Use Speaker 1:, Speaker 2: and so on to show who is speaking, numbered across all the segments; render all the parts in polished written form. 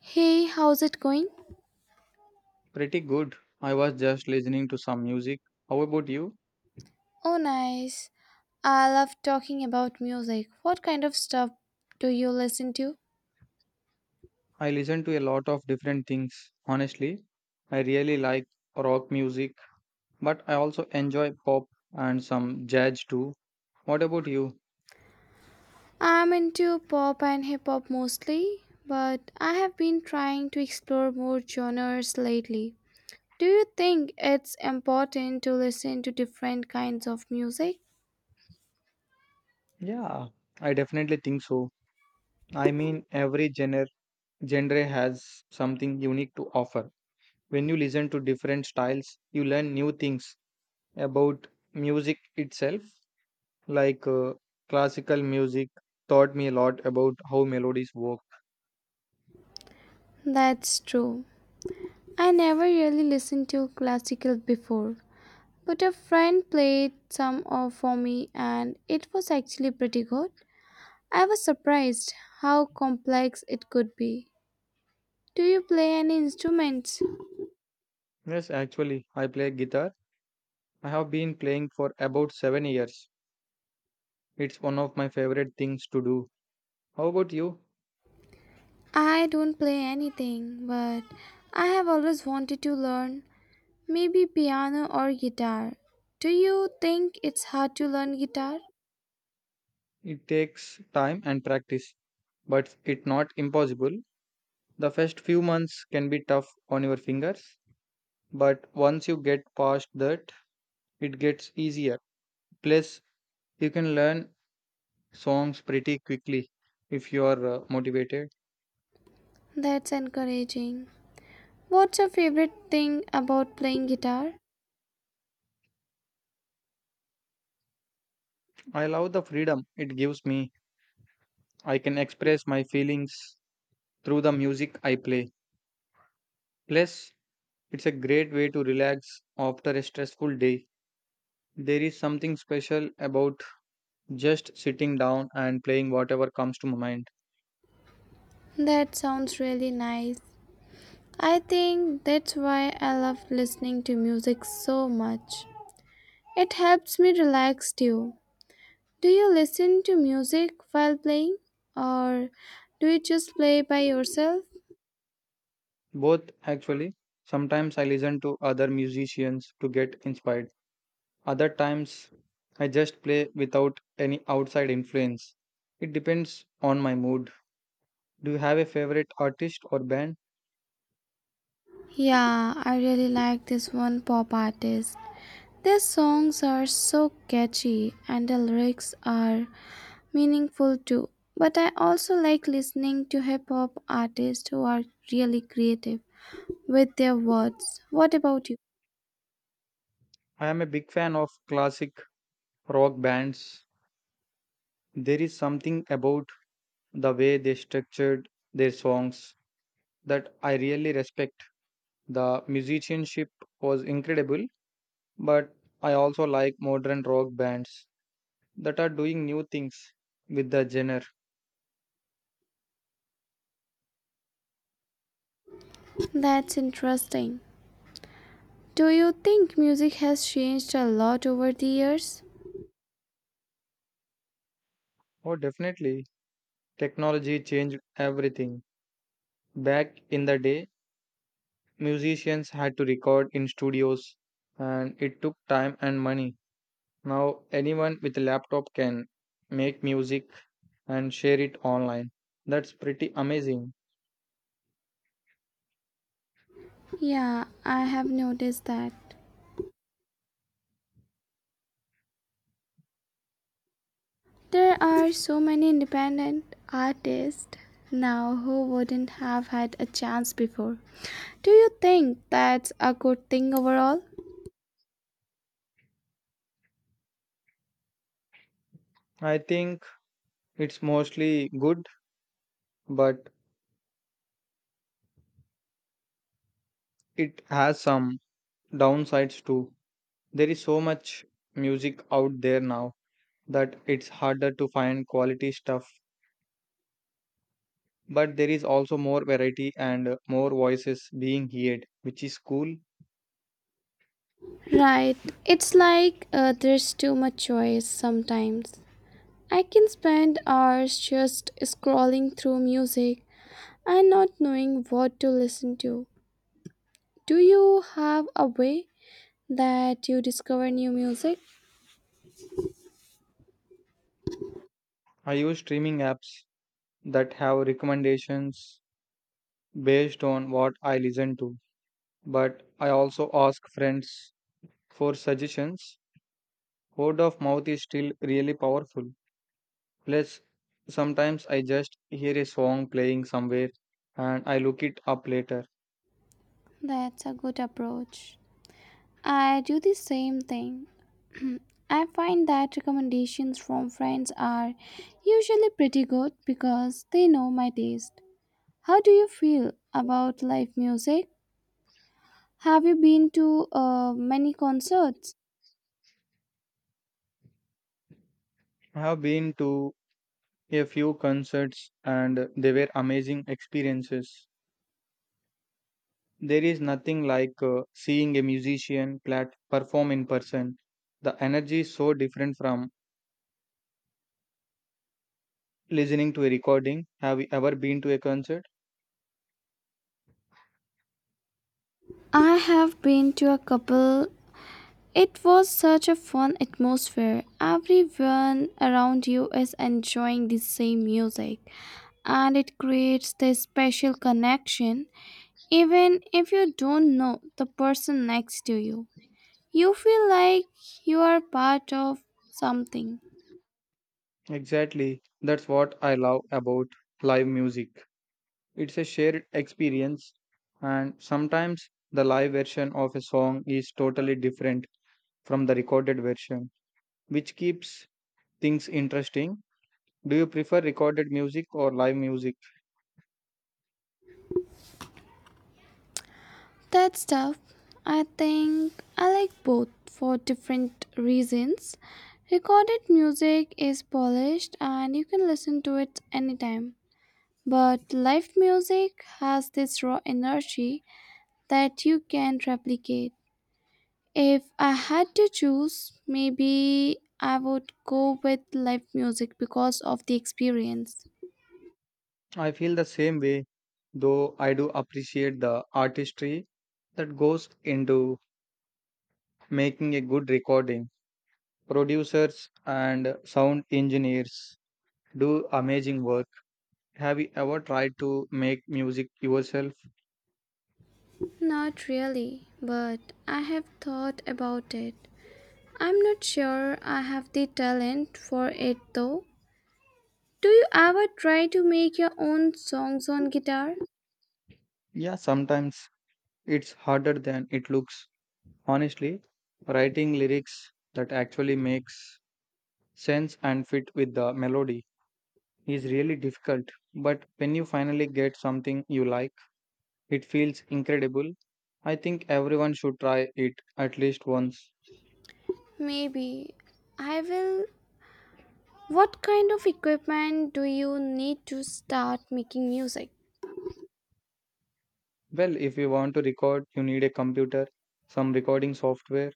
Speaker 1: Hey, how's it going?
Speaker 2: Pretty good. I was just listening to some music. How about you?
Speaker 1: Oh, nice. I love talking about music. What kind of stuff do you listen to?
Speaker 2: I listen to a lot of different things. Honestly, I really like rock music, but I also enjoy pop and some jazz too. What about you?
Speaker 1: I'm into pop and hip hop mostly, but I have been trying to explore more genres lately. Do you think it's important to listen to different kinds of music?
Speaker 2: Yeah, I definitely think so. I mean, every genre has something unique to offer. When you listen to different styles, you learn new things about music itself. Like classical music taught me a lot about how melodies work.
Speaker 1: That's true. I never really listened to classical before, but a friend played some of for me and it was actually pretty good. I was surprised how complex it could be. Do you play any instruments?
Speaker 2: Yes, actually, I play guitar. I have been playing for about 7 years. It's one of my favorite things to do. How about you?
Speaker 1: I don't play anything, but I have always wanted to learn maybe piano or guitar. Do you think it's hard to learn guitar?
Speaker 2: It takes time and practice, but it's not impossible. The first few months can be tough on your fingers, but once you get past that, it gets easier. Plus, you can learn songs pretty quickly if you are motivated.
Speaker 1: That's encouraging. What's your favorite thing about playing guitar?
Speaker 2: I love the freedom it gives me. I can express my feelings through the music I play. Plus, it's a great way to relax after a stressful day. There is something special about just sitting down and playing whatever comes to my mind.
Speaker 1: That sounds really nice. I think that's why I love listening to music so much. It helps me relax too. Do you listen to music while playing or do you just play by yourself?
Speaker 2: Both, actually. Sometimes I listen to other musicians to get inspired. Other times I just play without any outside influence. It depends on my mood. Do you have a favorite artist or band?
Speaker 1: Yeah, I really like this one pop artist. Their songs are so catchy and the lyrics are meaningful too. But I also like listening to hip hop artists who are really creative with their words. What about you?
Speaker 2: I am a big fan of classic rock bands. There is something about the way they structured their songs that I really respect. The musicianship was incredible, but I also like modern rock bands that are doing new things with the genre.
Speaker 1: That's interesting. Do you think music has changed a lot over the years?
Speaker 2: Oh, definitely. Technology changed everything. Back in the day, musicians had to record in studios and it took time and money. Now, anyone with a laptop can make music and share it online. That's pretty amazing.
Speaker 1: Yeah, I have noticed that. There are so many independent artists now who wouldn't have had a chance before. Do you think that's a good thing overall?
Speaker 2: I think it's mostly good, but it has some downsides too. There is so much music out there now that it's harder to find quality stuff, but there is also more variety and more voices being heard, which is cool.
Speaker 1: Right, it's like there's too much choice sometimes. I can spend hours just scrolling through music and not knowing what to listen to. Do you have a way that you discover new music?
Speaker 2: I use streaming apps that have recommendations based on what I listen to, but I also ask friends for suggestions. Word of mouth is still really powerful. Plus, sometimes I just hear a song playing somewhere and I look it up later.
Speaker 1: That's a good approach. I do the same thing. I find that recommendations from friends are usually pretty good because they know my taste. How do you feel about live music? Have you been to many concerts?
Speaker 2: I have been to a few concerts and they were amazing experiences. There is nothing like seeing a musician perform in person. The energy is so different from listening to a recording. Have you ever been to a concert?
Speaker 1: I have been to a couple. It was such a fun atmosphere. Everyone around you is enjoying the same music and it creates this special connection. Even if you don't know the person next to you, you feel like you are part of something.
Speaker 2: Exactly. That's what I love about live music. It's a shared experience, and sometimes the live version of a song is totally different from the recorded version, which keeps things interesting. Do you prefer recorded music or live music?
Speaker 1: That stuff, I think I like both for different reasons. Recorded music is polished and you can listen to it anytime. But live music has this raw energy that you can't replicate. If I had to choose, maybe I would go with live music because of the experience.
Speaker 2: I feel the same way, though I do appreciate the artistry that goes into making a good recording. Producers and sound engineers do amazing work. Have you ever tried to make music yourself?
Speaker 1: Not really, but I have thought about it. I'm not sure I have the talent for it though. Do you ever try to make your own songs on guitar?
Speaker 2: Yeah, sometimes it's harder than it looks. Honestly, writing lyrics that actually makes sense and fit with the melody is really difficult, but when you finally get something you like, it feels incredible. I think everyone should try it at least once.
Speaker 1: Maybe. I will. What kind of equipment do you need to start making music?
Speaker 2: Well, if you want to record, you need a computer, some recording software,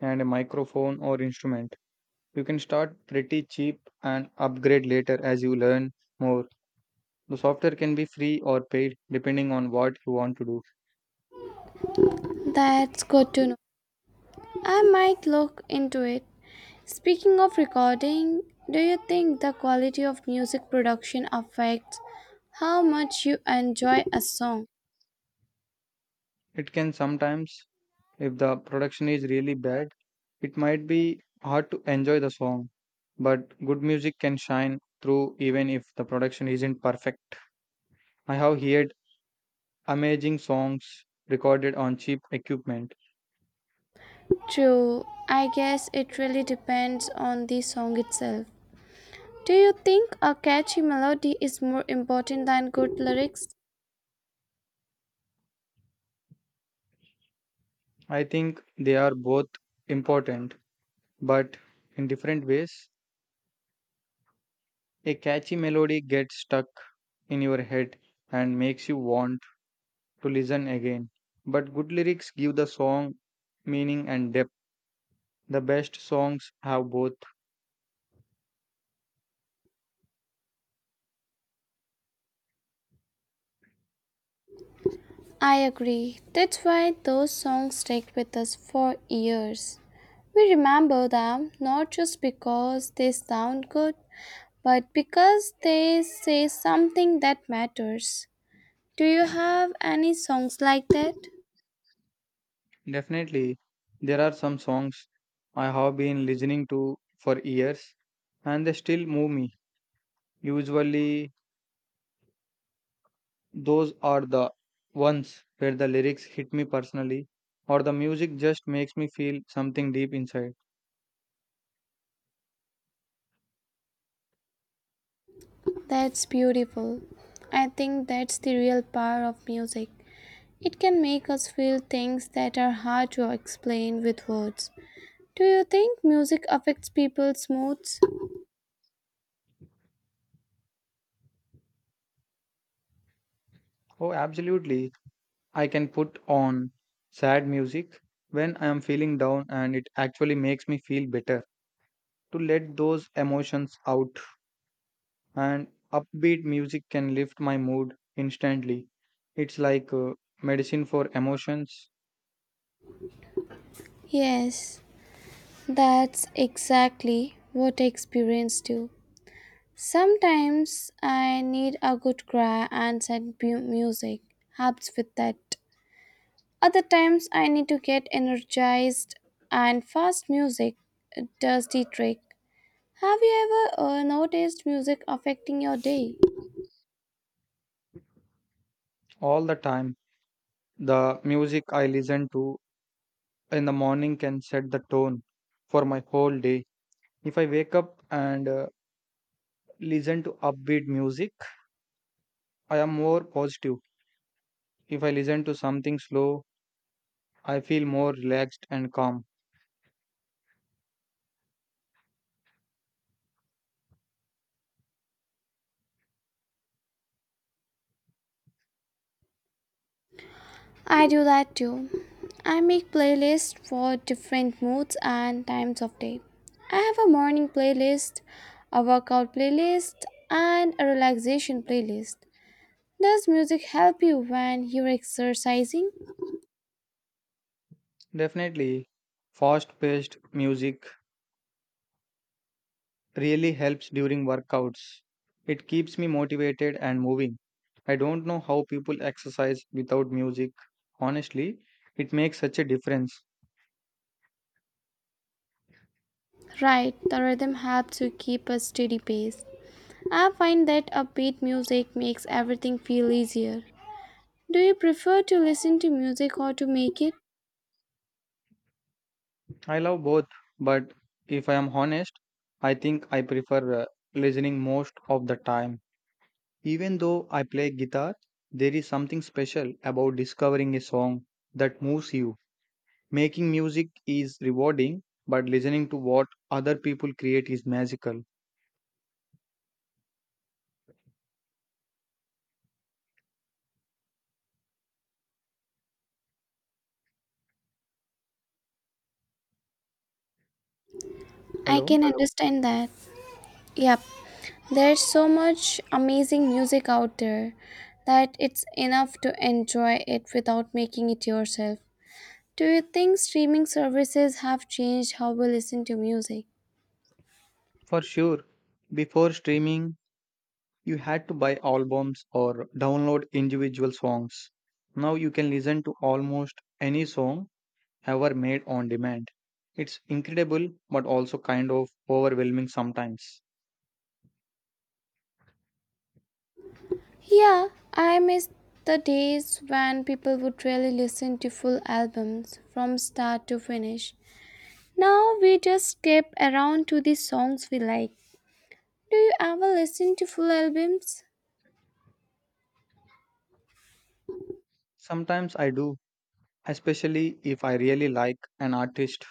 Speaker 2: and a microphone or instrument. You can start pretty cheap and upgrade later as you learn more. The software can be free or paid depending on what you want to do.
Speaker 1: That's good to know. I might look into it. Speaking of recording, do you think the quality of music production affects how much you enjoy a song?
Speaker 2: It can sometimes, if the production is really bad, it might be hard to enjoy the song, but good music can shine through even if the production isn't perfect. I have heard amazing songs recorded on cheap equipment.
Speaker 1: True, I guess it really depends on the song itself. Do you think a catchy melody is more important than good lyrics?
Speaker 2: I think they are both important, but in different ways. A catchy melody gets stuck in your head and makes you want to listen again. But good lyrics give the song meaning and depth. The best songs have both.
Speaker 1: I agree. That's why those songs stick with us for years. We remember them not just because they sound good, but because they say something that matters. Do you have any songs like that?
Speaker 2: Definitely, there are some songs I have been listening to for years and they still move me. Usually, those are the ones where the lyrics hit me personally or the music just makes me feel something deep inside.
Speaker 1: That's beautiful. I think that's the real power of music. It can make us feel things that are hard to explain with words. Do you think music affects people's moods?
Speaker 2: Oh, absolutely. I can put on sad music when I am feeling down and it actually makes me feel better, to let those emotions out. And upbeat music can lift my mood instantly. It's like medicine for emotions
Speaker 1: Yes, that's exactly what I experience too. Sometimes I need a good cry and sad music helps with that. Other times I need to get energized and fast music does the trick. Have you ever noticed music affecting your day?
Speaker 2: all the time. The music I listen to in the morning can set the tone for my whole day. If I wake up and listen to upbeat music, I am more positive. If I listen to something slow, I feel more relaxed and calm.
Speaker 1: I do that too. I make playlists for different moods and times of day. I have a morning playlist, a workout playlist, and a relaxation playlist. Does music help you when you're exercising?
Speaker 2: Definitely, fast paced music really helps during workouts. It keeps me motivated and moving. I don't know how people exercise without music. Honestly, it makes such a difference.
Speaker 1: Right, the rhythm helps you keep a steady pace. I find that upbeat music makes everything feel easier. Do you prefer to listen to music or to make it?
Speaker 2: I love both, but if I am honest, I think I prefer listening most of the time. Even though I play guitar, there is something special about discovering a song that moves you. Making music is rewarding, but listening to what other people create is magical.
Speaker 1: I
Speaker 2: Hello?
Speaker 1: can understand that. Yep, there's so much amazing music out there that it's enough to enjoy it without making it yourself. Do you think streaming services have changed how we listen to music?
Speaker 2: For sure, before streaming, you had to buy albums or download individual songs. Now you can listen to almost any song ever made on demand. It's incredible but also kind of overwhelming sometimes.
Speaker 1: Yeah, I miss the days when people would really listen to full albums from start to finish. Now we just skip around to the songs we like. Do you ever listen to full albums?
Speaker 2: Sometimes I do, especially if I really like an artist.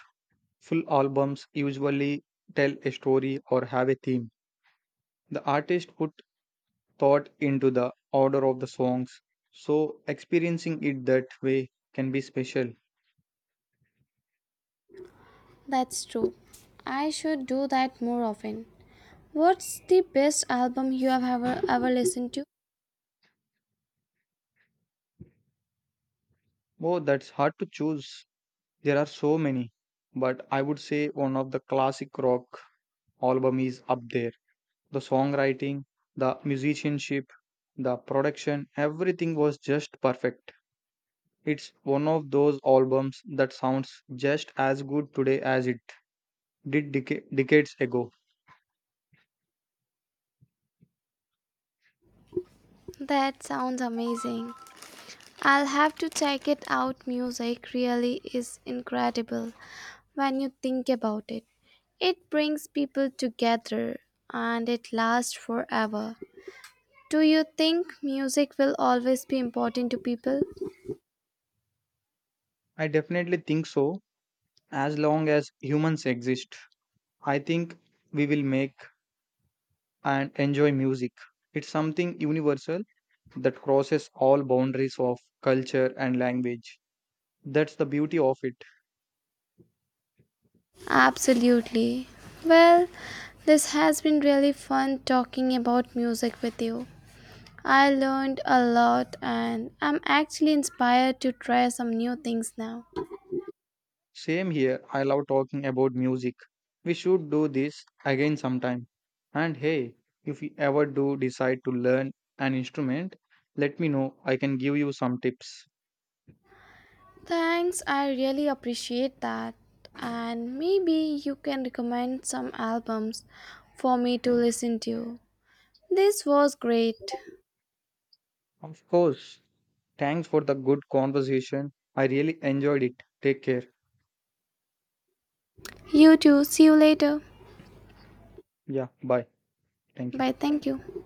Speaker 2: Full albums usually tell a story or have a theme. The artist put thought into the order of the songs, so experiencing it that way can be special.
Speaker 1: That's true. I should do that more often. What's the best album you have ever listened to?
Speaker 2: Oh, that's hard to choose. There are so many, but I would say one of the classic rock album is up there. The songwriting, the musicianship, the production, everything was just perfect. It's one of those albums that sounds just as good today as it did decades ago.
Speaker 1: That sounds amazing. I'll have to check it out. Music really is incredible when you think about it. It brings people together and it lasts forever. Do you think music will always be important to people?
Speaker 2: I definitely think so. As long as humans exist, I think we will make and enjoy music. It's something universal that crosses all boundaries of culture and language. That's the beauty of it.
Speaker 1: Absolutely. Well, this has been really fun talking about music with you. I learned a lot and I'm actually inspired to try some new things now.
Speaker 2: Same here, I love talking about music. We should do this again sometime. And hey, if you ever do decide to learn an instrument, let me know. I can give you some tips.
Speaker 1: Thanks, I really appreciate that. And maybe you can recommend some albums for me to listen to. This was great.
Speaker 2: Of course. Thanks for the good conversation. I really enjoyed it. Take care.
Speaker 1: You too. See you later.
Speaker 2: Yeah, bye. Thank you.
Speaker 1: Bye. Thank you.